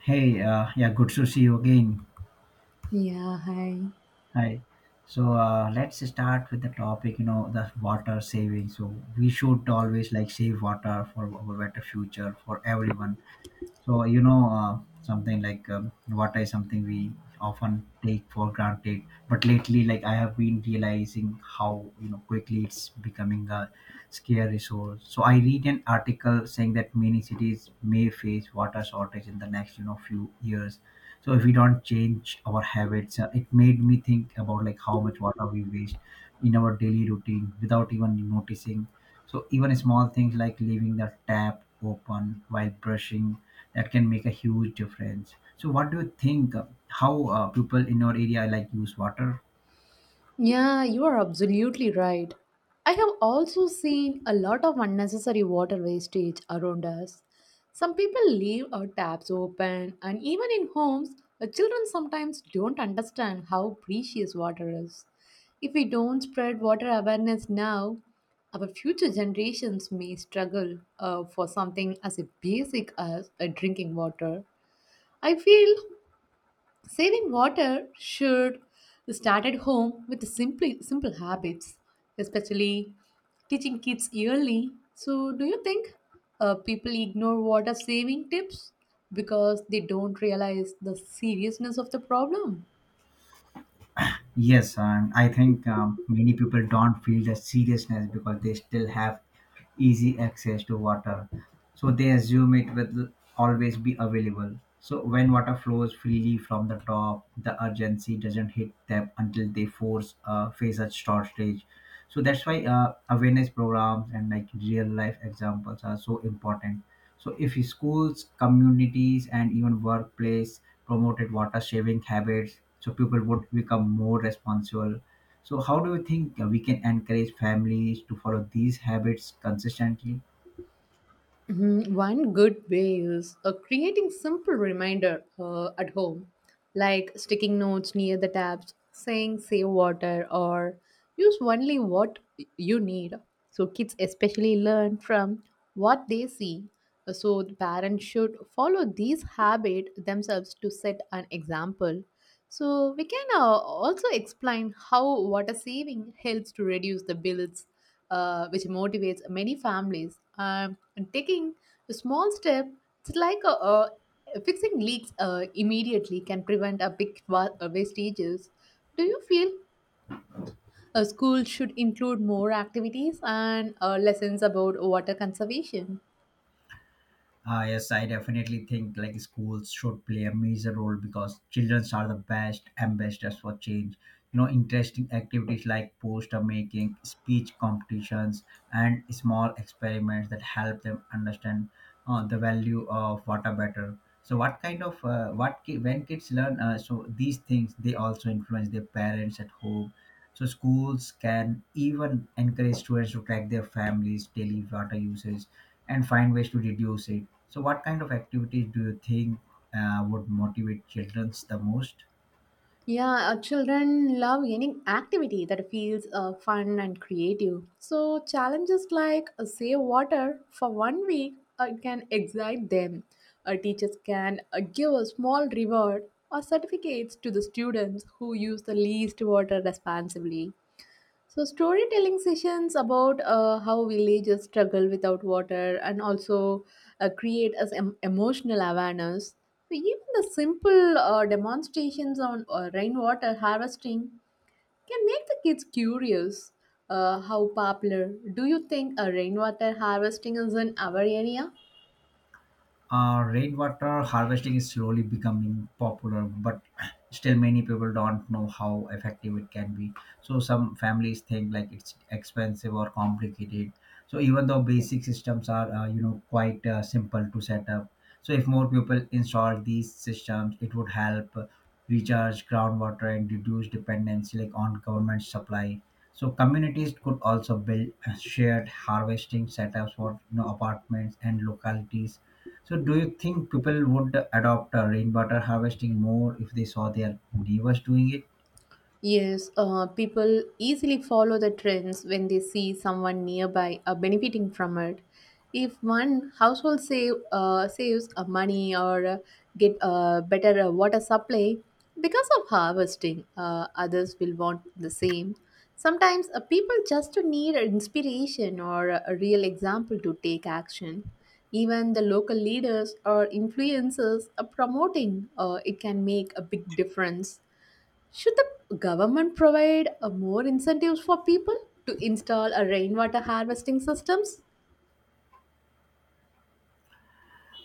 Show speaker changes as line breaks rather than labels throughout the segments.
Hey, yeah, good to see you again.
Yeah, hi.
Hi. Let's start with the topic, you know, the water saving. So we should always like save water for our better future for everyone. Something like water is something we often take for granted. But lately, like I have been realizing how you know quickly it's becoming a scarce resource. So I read an article saying that many cities may face water shortage in the next you know few years. So if we don't change our habits, it made me think about like how much water we waste in our daily routine without even noticing. So even small things like leaving the tap open while brushing, that can make a huge difference. So what do you think? How people in your area like use water?
Yeah, you are absolutely right. I have also seen a lot of unnecessary water wastage around us. Some people leave our taps open, and even in homes, the children sometimes don't understand how precious water is. If we don't spread water awareness now, our future generations may struggle for something as basic as a drinking water. I feel saving water should start at home with simple habits, especially teaching kids early. So, do you think people ignore water saving tips because they don't realize the seriousness of the problem?
Yes, I think many people don't feel the seriousness because they still have easy access to water. So they assume it will always be available. So when water flows freely from the top, the urgency doesn't hit them until they force face a shortage. So that's why awareness programs and like real life examples are so important. So if schools, communities, and even workplace promoted water saving habits, so people would become more responsible. So how do you think we can encourage families to follow these habits consistently?
Mhm. One good way is creating simple reminder at home, like sticking notes near the taps, saying save water or use only what you need. So kids especially learn from what they see. So the parents should follow these habit themselves to set an example. So we can also explain how water saving helps to reduce the bills which motivates many families. And taking a small step, it's like a fixing leaks immediately can prevent a big wastages. Do you feel a school should include more activities and lessons about water conservation?
Yes, I definitely think like schools should play a major role because children are the best ambassadors for change. You know, interesting activities like poster making, speech competitions, and small experiments that help them understand the value of water better. So, what kind of what ki- when kids learn so these things, they also influence their parents at home. So schools can even encourage students to track their families' daily water usage and find ways to reduce it. So, what kind of activities do you think would motivate children the most?
Yeah, children love any activity that feels fun and creative. So, challenges like save water for one week can excite them. Teachers can give a small reward or certificates to the students who use the least water responsibly. So, storytelling sessions about how villages struggle without water and also create as emotional awareness. So, even the simple demonstrations on rainwater harvesting can make the kids curious. How popular do you think rainwater harvesting is in our area?
Rainwater harvesting is slowly becoming popular, but still many people don't know how effective it can be. So some families think like it's expensive or complicated. So even though basic systems are you know quite simple to set up, so if more people install these systems, it would help recharge groundwater and reduce dependency like on government supply. So communities could also build shared harvesting setups for you know apartments and localities. So, do you think people would adopt rainwater harvesting more if they saw their neighbors doing it?
Yes, people easily follow the trends when they see someone nearby benefiting from it. If one household saves money or get a better water supply because of harvesting, others will want the same. Sometimes people just need inspiration or a real example to take action. Even the local leaders or influencers are promoting it can make a big difference. Should the government provide more incentives for people to install a rainwater harvesting systems?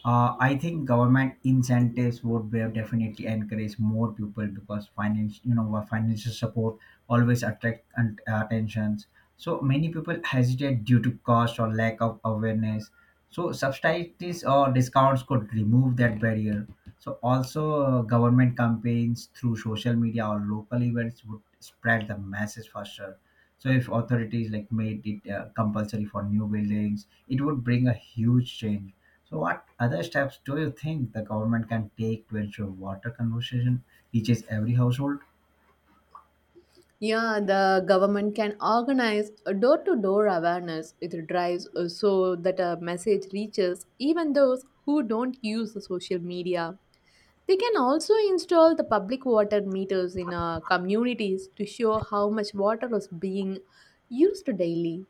I think government incentives would be- definitely encourage more people because finance, you know, what financial support always attract and attentions. So many people hesitate due to cost or lack of awareness. So subsidies or discounts could remove that barrier. So also government campaigns through social media or local events would spread the message faster. So if authorities like made it compulsory for new buildings, it would bring a huge change. So, what other steps do you think the government can take to ensure water conservation reaches every household?
Yeah, the government can organize a door-to-door awareness with drives so that a message reaches even those who don't use the social media. They can also install the public water meters in communities to show how much water is being used daily.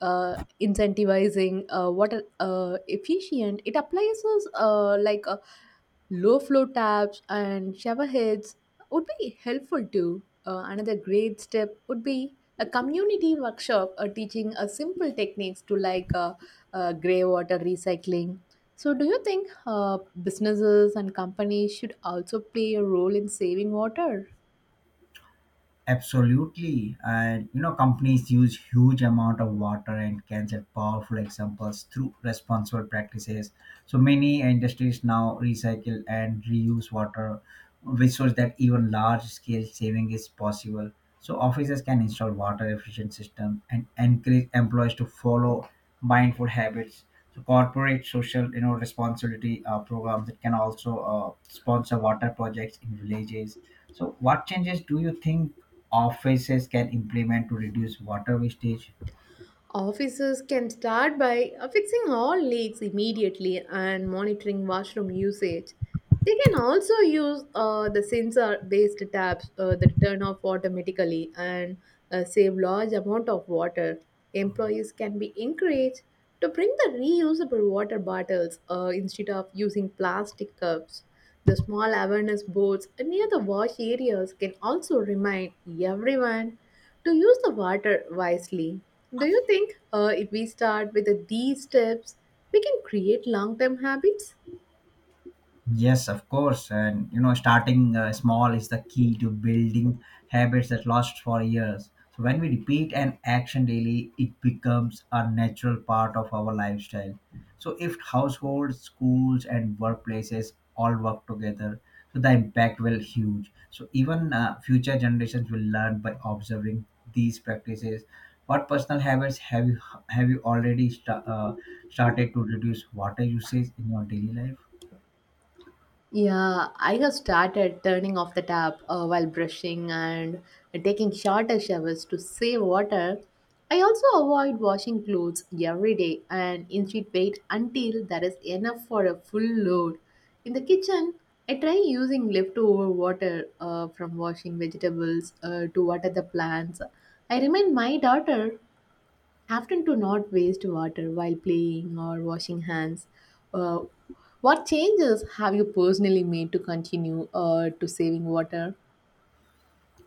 Uh, Incentivizing water efficient, it applies us, low flow taps and shower heads would be helpful too. Another great step would be a community workshop teaching simple techniques to grey water recycling. So, do you think businesses and companies should also play a role in saving water?
Absolutely, and you know companies use huge amount of water and can set powerful examples through responsible practices. So many industries now recycle and reuse water, which shows that even large scale saving is possible. So offices can install water efficient system and encourage employees to follow mindful habits. So corporate social you know responsibility programs that can also sponsor water projects in villages. So, what changes do you think offices can implement to reduce water wastage?
Officers can start by fixing all leaks immediately and monitoring washroom usage. They can also use the sensor based taps that turn off automatically and save large amount of water. Employees can be encouraged to bring the reusable water bottles instead of using plastic cups. The small awareness boards near the wash areas can also remind everyone to use the water wisely. Do you think if we start with these steps, we can create long term habits?
Yes, of course. And you know, starting small is the key to building habits that last for years. So when we repeat an action daily, it becomes a natural part of our lifestyle. So if households, schools, and workplaces all work together, so the impact will huge. So even future generations will learn by observing these practices. What personal habits have you already started to reduce water usage in your daily life?
Yeah, I have started turning off the tap while brushing and taking shorter showers to save water. I also avoid washing clothes every day and instead wait until there is enough for a full load. In the kitchen, I try using leftover water from washing vegetables to water the plants. I remind my daughter often to not waste water while playing or washing hands. Uh, what changes have you personally made to continue to saving water?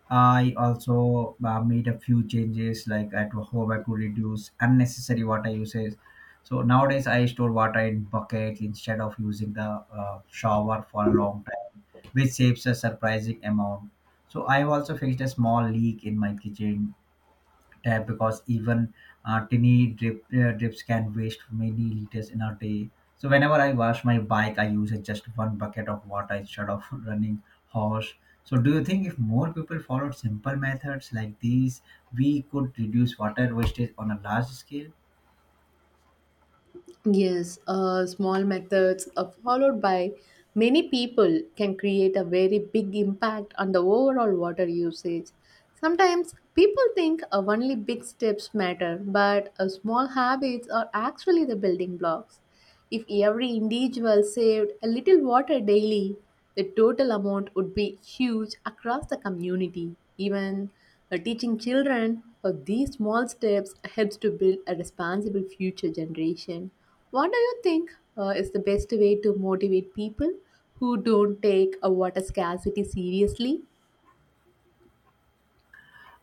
I also made a few changes like at home I could reduce unnecessary water usage. So nowadays I store water in buckets instead of using the shower for a long time, which saves a surprising amount. So I've also fixed a small leak in my kitchen tab because even drips can waste many liters in a day. So whenever I wash my bike, I use just one bucket of water instead of running hose. So do you think if more people followed simple methods like these, we could reduce water wastage on a large scale?
Yes, small methods followed by many people can create a very big impact on the overall water usage. Sometimes people think only big steps matter, but small habits are actually the building blocks. If every individual saved a little water daily, the total amount would be huge across the community. Even Teaching children these small steps helps to build a responsible future generation. What do you think is the best way to motivate people who don't take a water scarcity seriously?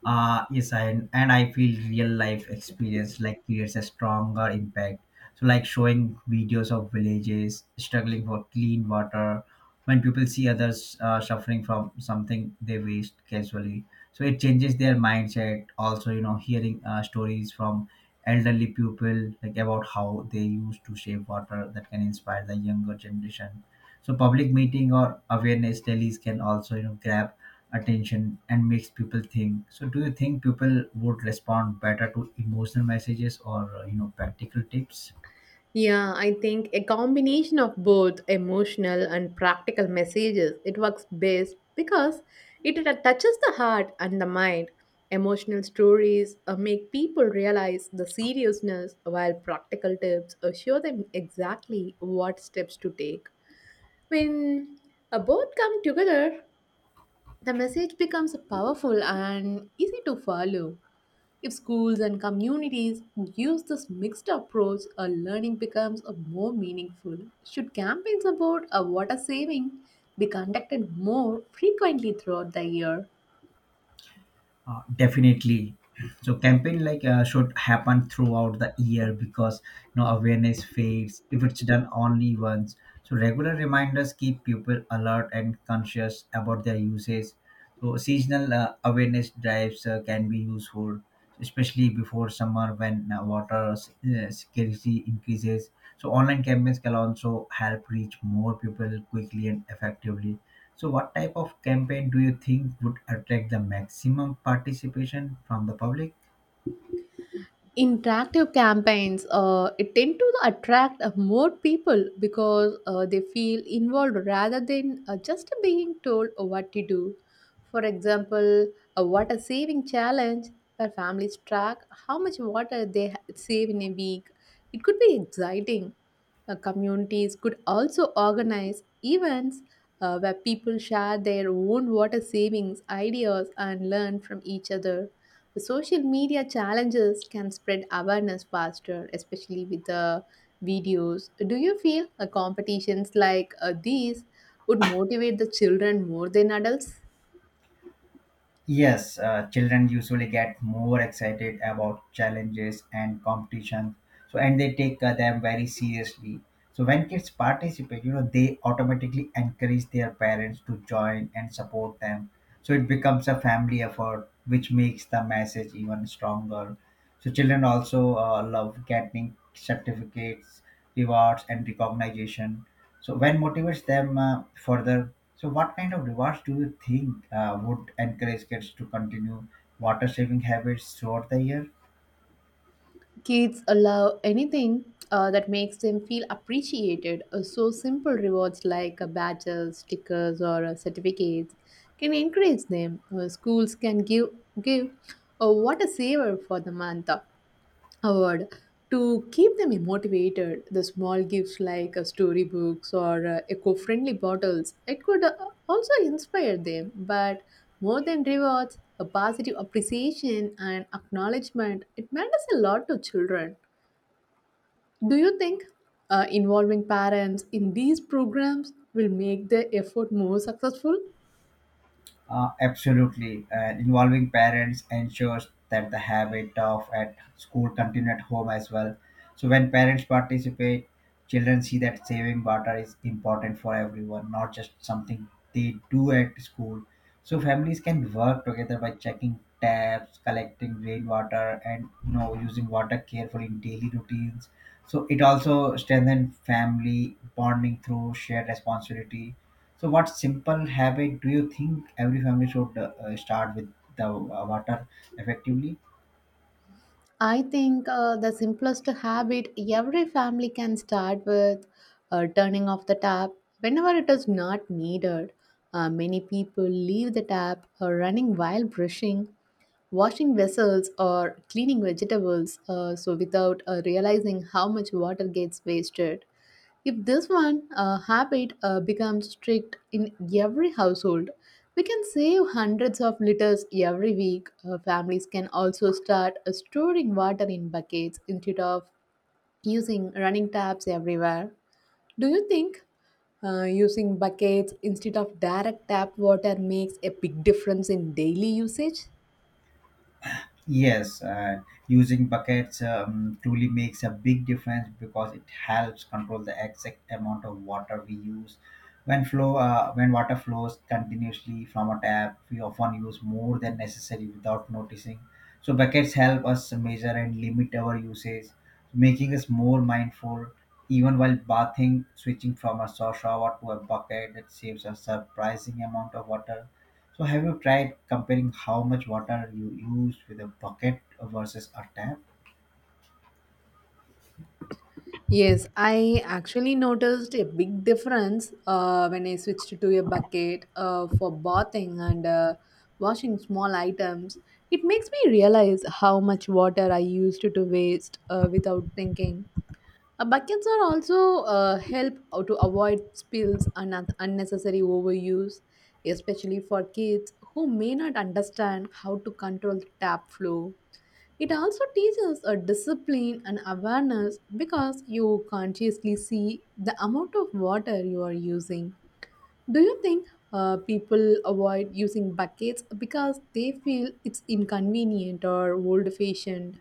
Yes, and I feel real life experience like creates a stronger impact, so like showing videos of villages struggling for clean water. When people see others suffering from something they waste casually, so it changes their mindset. Also, you know, hearing stories from elderly people like about how they used to save water, that can inspire the younger generation. So public meeting or awareness rallies can also you know grab attention and makes people think. So do you think people would respond better to emotional messages or you know practical tips?
Yeah, I think a combination of both emotional and practical messages it works best because it touches the heart and the mind. Emotional stories make people realize the seriousness, while practical tips show them exactly what steps to take. When both come together, the message becomes powerful and easy to follow. If schools and communities use this mixed approach, learning becomes a more meaningful. Should campaigns about water saving be conducted more frequently throughout the year?
Definitely. So campaign like should happen throughout the year because you know awareness fades if it's done only once. So regular reminders keep people alert and conscious about their usage. So seasonal awareness drives can be useful, especially before summer when scarcity increases. So online campaigns can also help reach more people quickly and effectively. So, what type of campaign do you think would attract the maximum participation from the public?
Interactive campaigns it tend to attract more people because they feel involved rather than just being told what to do. For example, a water saving challenge where families track how much water they save in a week, it could be exciting. Communities could also organize events where people share their own water savings ideas and learn from each other. The social media challenges can spread awareness faster, especially with the videos. Do you feel competitions like these would motivate the children more than adults?
Yes, children usually get more excited about challenges and competition. So, and they take them very seriously. So, when kids participate, you know, they automatically encourage their parents to join and support them. So, it becomes a family effort, which makes the message even stronger. So, children also love getting certificates, rewards, and recognition. So, when motivates them further. So, what kind of rewards do you think would encourage kids to continue water saving habits throughout the year?
Kids allow anything that makes them feel appreciated. Simple rewards like badges, stickers, or certificates can encourage them. Schools can give what a saver for the month award. To keep them motivated, the small gifts like storybooks or eco-friendly bottles, it could also inspire them. But more than rewards, a positive appreciation and acknowledgement, it matters a lot to children. Do you think involving parents in these programs will make the effort more successful?
Absolutely. And involving parents ensures that the habit of at school continue at home as well. So when parents participate, children see that saving water is important for everyone, not just something they do at school. So families can work together by checking taps, collecting rainwater, and you know using water carefully in daily routines. So it also strengthens family bonding through shared responsibility. So, what simple habit do you think every family should start with the water effectively?
I think the simplest habit every family can start with turning off the tap whenever it is not needed. Many people leave the tap running while brushing, washing vessels, or cleaning vegetables, without realizing how much water gets wasted. If this one habit becomes strict in every household, we can save hundreds of liters every week. Families can also start storing water in buckets instead of using running taps everywhere. Do you think using buckets instead of direct tap water makes a big difference in daily usage?
Yes, using buckets truly makes a big difference because it helps control the exact amount of water we use. When water flows continuously from a tap, we often use more than necessary without noticing. So buckets help us measure and limit our usage, making us more mindful. Even while bathing, switching from a soft shower to a bucket that saves a surprising amount of water. So have you tried comparing how much water you use with a bucket versus a tap?
Yes, I actually noticed a big difference when I switched to a bucket for bathing and washing small items. It makes me realize how much water I used to waste without thinking. Buckets are also help out to avoid spills and unnecessary overuse, especially for kids who may not understand how to control the tap flow. It also teaches a discipline and awareness because you consciously see the amount of water you are using. Do you think people avoid using buckets because they feel it's inconvenient or old fashioned?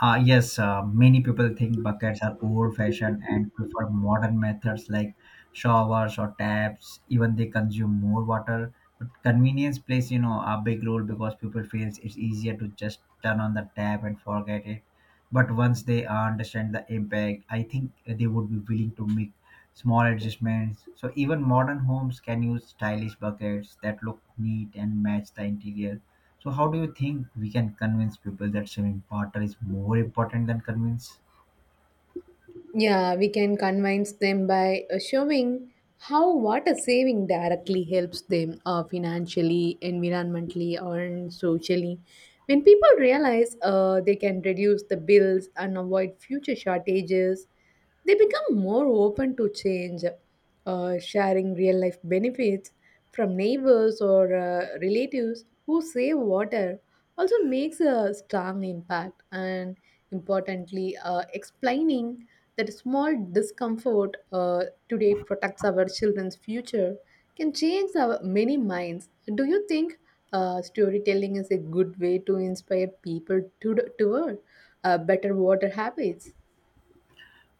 Yes, many people think buckets are old fashioned and prefer modern methods like showers or taps. Even they consume more water. But convenience plays, you know, a big role because people feels it's easier to just turn on the tap and forget it. But once they understand the impact, I think they would be willing to make small adjustments. So even modern homes can use stylish buckets that look neat and match the interior. So how do you think we can convince people that saving water is more important than convince?
Yeah, we can convince them by showing how water saving directly helps them financially, environmentally, and socially. When people realize they can reduce the bills and avoid future shortages, they become more open to change, sharing real life benefits from neighbors or relatives who save water also makes a strong impact. And importantly, explaining that small discomfort today protects our children's future can change our many minds. Do you think storytelling is a good way to inspire people to toward better water habits?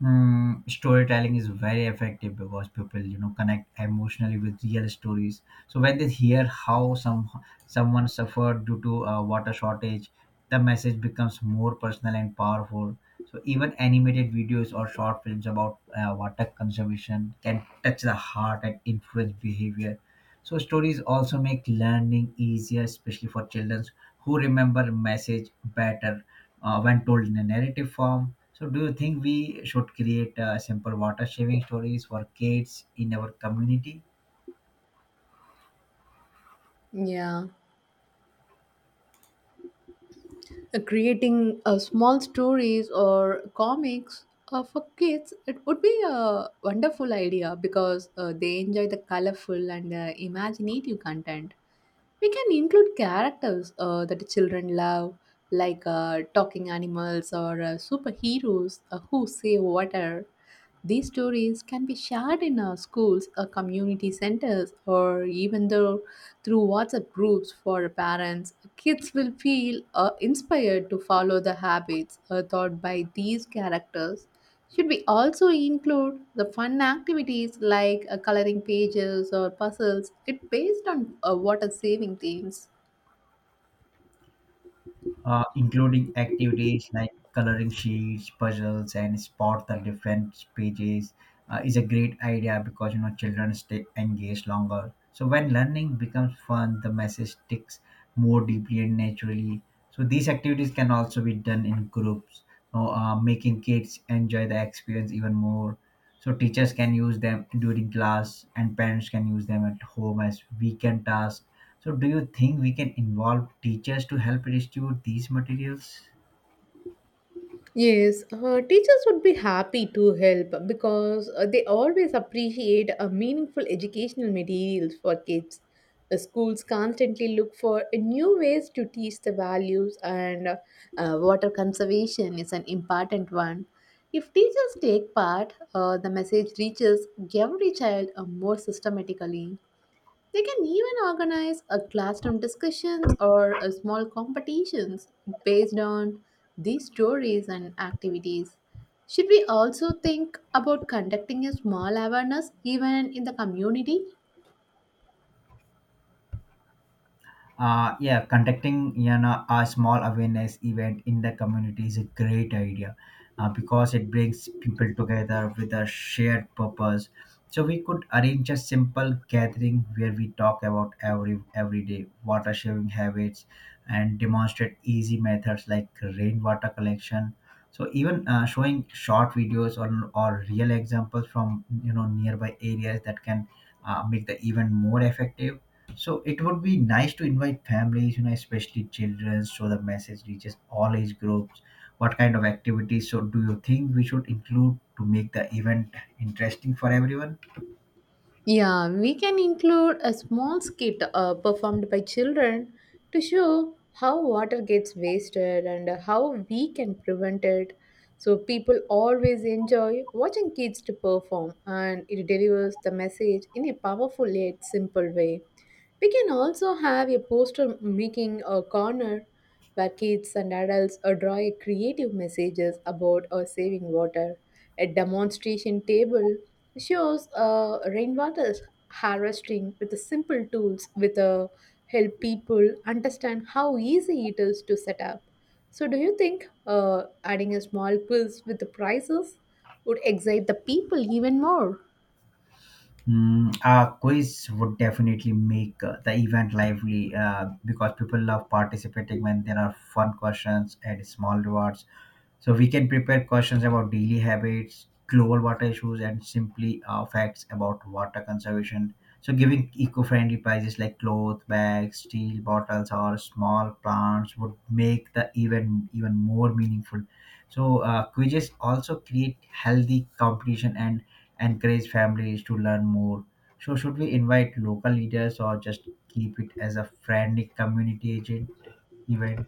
Mm, storytelling is very effective because people you know connect emotionally with real stories. So when they hear how someone suffered due to a water shortage, the message becomes more personal and powerful. So even animated videos or short films about water conservation can touch the heart and influence behavior. So stories also make learning easier, especially for children who remember message better when told in a narrative form. So, do you think we should create simple water saving stories for kids in our community?
Yeah. Creating small stories or comics for kids, it would be a wonderful idea because they enjoy the colorful and imaginative content. We can include characters that children love, like talking animals or superheroes who save water. These stories can be shared in our schools, our community centers, or even though through WhatsApp groups for parents. Kids will feel inspired to follow the habits taught by these characters. Should we also include the fun activities like coloring pages or puzzles? It based on water saving themes.
Including activities like coloring sheets, puzzles, and spot the different pages is a great idea because you know children stay engaged longer. So when learning becomes fun, the message sticks more deeply and naturally. So these activities can also be done in groups, so, making kids enjoy the experience even more. So teachers can use them during class, and parents can use them at home as weekend tasks. So, do you think we can involve teachers to help distribute these materials?
Yes, teachers would be happy to help because they always appreciate meaningful educational materials for kids. The schools constantly look for new ways to teach the values, and water conservation is an important one. If teachers take part, the message reaches every child more systematically. They can even organize a classroom discussions or a small competitions based on these stories and activities. Should we also think about conducting a small awareness even in the community?
Yeah, conducting you know, a small awareness event in the community is a great idea because it brings people together with a shared purpose. So we could arrange a simple gathering where we talk about everyday water sharing habits and demonstrate easy methods like rainwater collection. So even showing short videos or real examples from nearby areas that can make the event more effective. So it would be nice to invite families, you know, especially children, so the message reaches all age groups. What kind of activities? So do you think we should include to make the event interesting for everyone?
Yeah, we can include a small skit performed by children to show how water gets wasted and how we can prevent it. So people always enjoy watching kids to perform, and it delivers the message in a powerful yet simple way. We can also have a poster making a corner where kids and adults draw a creative messages about saving water. A demonstration table shows rainwater harvesting with the simple tools with help people understand how easy it is to set up. So, do you think adding a small quiz with the prizes would excite the people even more?
Mm, a quiz would definitely make the event lively because people love participating when there are fun questions and small rewards. So we can prepare questions about daily habits, global water issues, and simply facts about water conservation. So giving eco-friendly prizes like cloth bags, steel bottles, or small plants would make the event even more meaningful. So quizzes also create healthy competition and encourage families to learn more. So should we invite local leaders or just keep it as a friendly community agent event?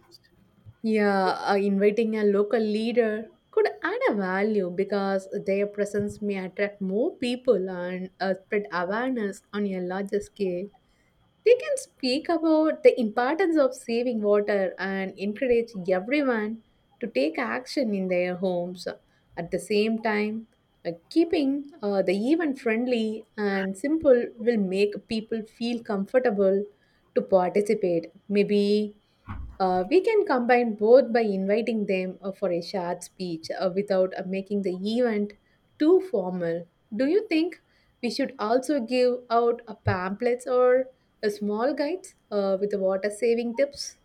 Yeah, inviting a local leader could add a value because their presence may attract more people and spread awareness on a larger scale. They can speak about the importance of saving water and encourage everyone to take action in their homes. At the same time, keeping the event friendly and simple will make people feel comfortable to participate. Maybe we can combine both by inviting them for a short speech without making the event too formal. Do you think we should also give out pamphlets or small guides with the water saving tips?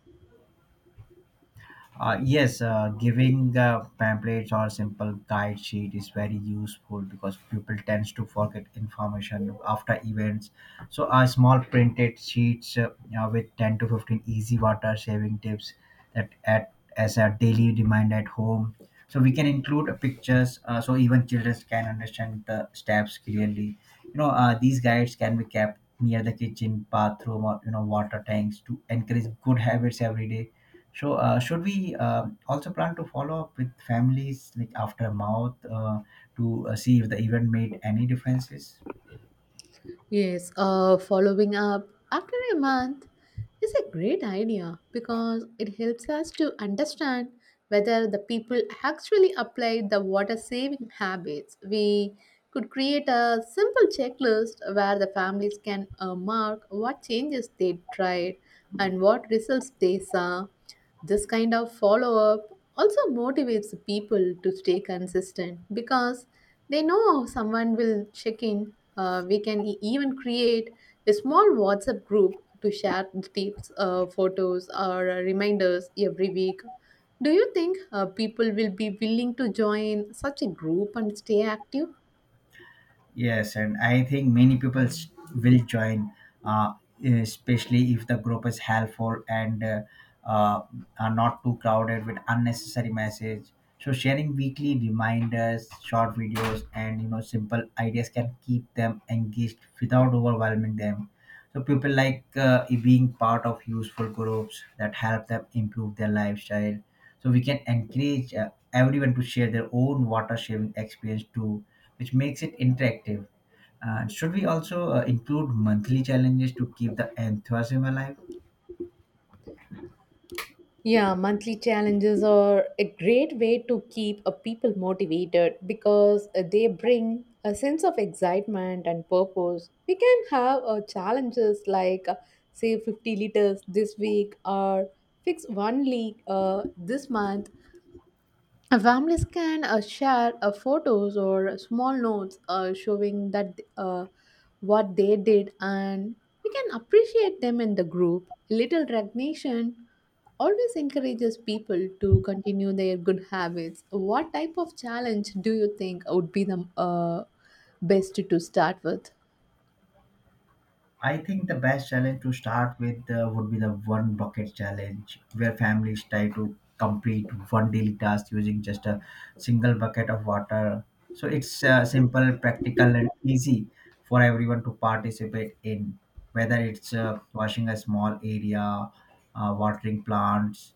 Yes, giving pamphlets or simple guide sheet is very useful because people tends to forget information after events. So, small printed sheets with 10 to 15 easy water saving tips that at as a daily reminder at home. So we can include pictures so even children can understand the steps clearly. These guides can be kept near the kitchen, bathroom, or water tanks to encourage good habits every day. So, should we also plan to follow up with families like after a month, to see if the event made any differences?
Yes, following up after a month is a great idea because it helps us to understand whether the people actually apply the water saving habits. We could create a simple checklist where the families can mark what changes they tried and what results they saw. This kind of follow up also motivates people to stay consistent because they know someone will check in. We can even create a small WhatsApp group to share tips, photos, or reminders every week. Do you think people will be willing to join such a group and stay active?
Yes, and I think many will join, uh, especially if the group is helpful and uh, are not too crowded with unnecessary message. So sharing weekly reminders, short videos, and simple ideas can keep them engaged without overwhelming them. So people like being part of useful groups that help them improve their lifestyle. So we can encourage everyone to share their own water sharing experience too, which makes it interactive. Should we also include monthly challenges to keep the enthusiasm alive?
Yeah, monthly challenges are a great way to keep a people motivated because they bring a sense of excitement and purpose. We can have challenges like say 50 liters this week or fix one leak this month. Families can share photos or small notes showing that what they did, and we can appreciate them in the group. Little recognition always encourages people to continue their good habits. What type of challenge do you think would be the best to start with?
I think the best challenge to start with would be the one bucket challenge, where families try to complete one daily task using just a single bucket of water. So it's simple, practical, and easy for everyone to participate in, whether it's washing a small area, watering plants,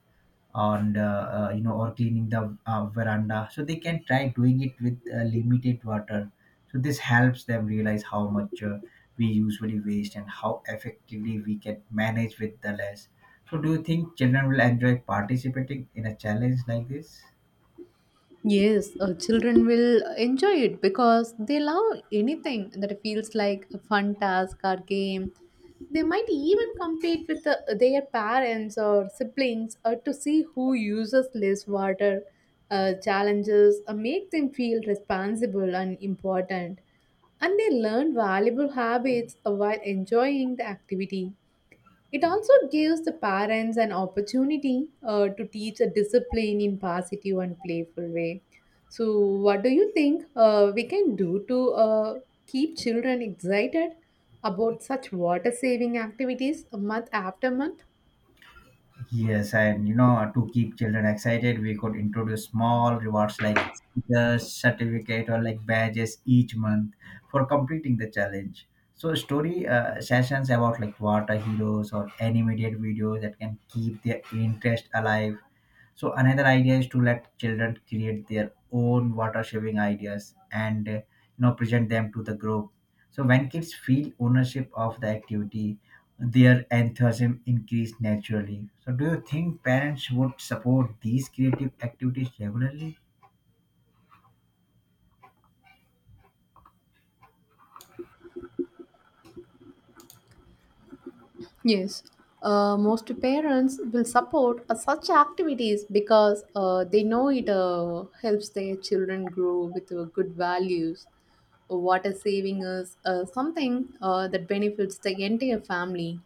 and or cleaning the veranda. So they can try doing it with limited water. So this helps them realize how much we usually waste and how effectively we can manage with the less. So do you think children will enjoy participating in a challenge like this?
Yes, children will enjoy it because they love anything that feels like a fun task or game. They might even compete with their parents or siblings to see who uses less water. Challenges make them feel responsible and important, and they learn valuable habits while enjoying the activity. It also gives the parents an opportunity to teach a discipline in positive and playful way. So, what do you think we can do to keep children excited about such water saving activities month after month?
Yes, and you know, to keep children excited, we could introduce small rewards like the certificate or like badges each month for completing the challenge. So story sessions about like water heroes or animated videos that can keep their interest alive. So another idea is to let children create their own water saving ideas and present them to the group. So when kids feel ownership of the activity, their enthusiasm increase naturally. So do you think parents would support these creative activities regularly?
Yes, most parents will support such activities because they know it helps their children grow with good values. Water saving is something that benefits the entire family.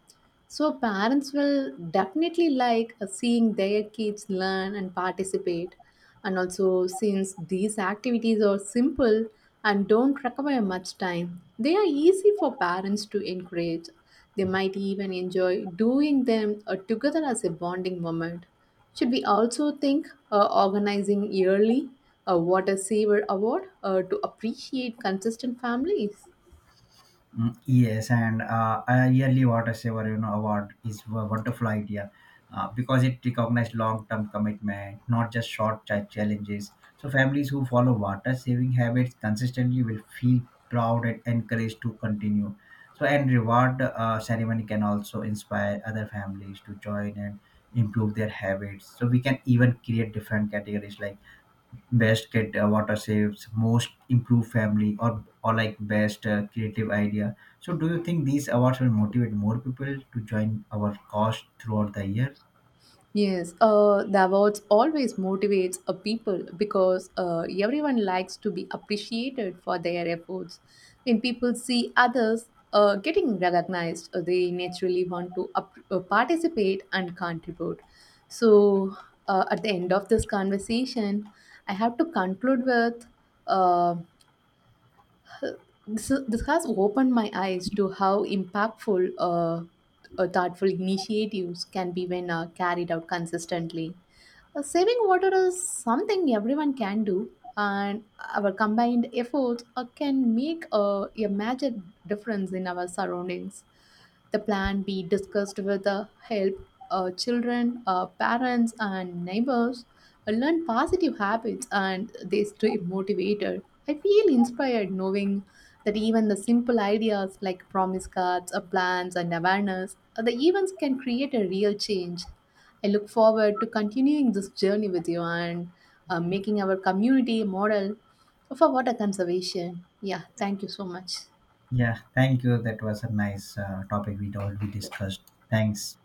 So parents will definitely like seeing their kids learn and participate. And also, since these activities are simple and don't require much time, they are easy for parents to encourage. They might even enjoy doing them together as a bonding moment. Should we also think organizing yearly a water saver award to appreciate consistent families?
Mm, yes, and a yearly water saver award is a wonderful idea because it recognizes long-term commitment, not just challenges. So families who follow water saving habits consistently will feel proud and encouraged to continue. So and reward ceremony can also inspire other families to join and improve their habits. So we can even create different categories like best get water saves, most improved family, or like best creative idea. So do you think these awards will motivate more people to join our cause throughout the year?
Yes, the awards always motivates a people because everyone likes to be appreciated for their efforts. When people see others getting recognized, they naturally want to participate and contribute. So, at the end of this conversation, I have to conclude with uh, this has opened my eyes to how impactful thoughtful initiatives can be when carried out consistently. Saving water is something everyone can do, and our combined efforts can make a major difference in our surroundings. The plan be discussed with the help children, parents, and neighbors learn positive habits and they stay motivated. I feel inspired knowing that even the simple ideas like promise cards, plans, and awareness, the events can create a real change. I look forward to continuing this journey with you and making our community a model for water conservation. Yeah, thank you so much.
Yeah, thank you, that was a nice topic we discussed. Thanks.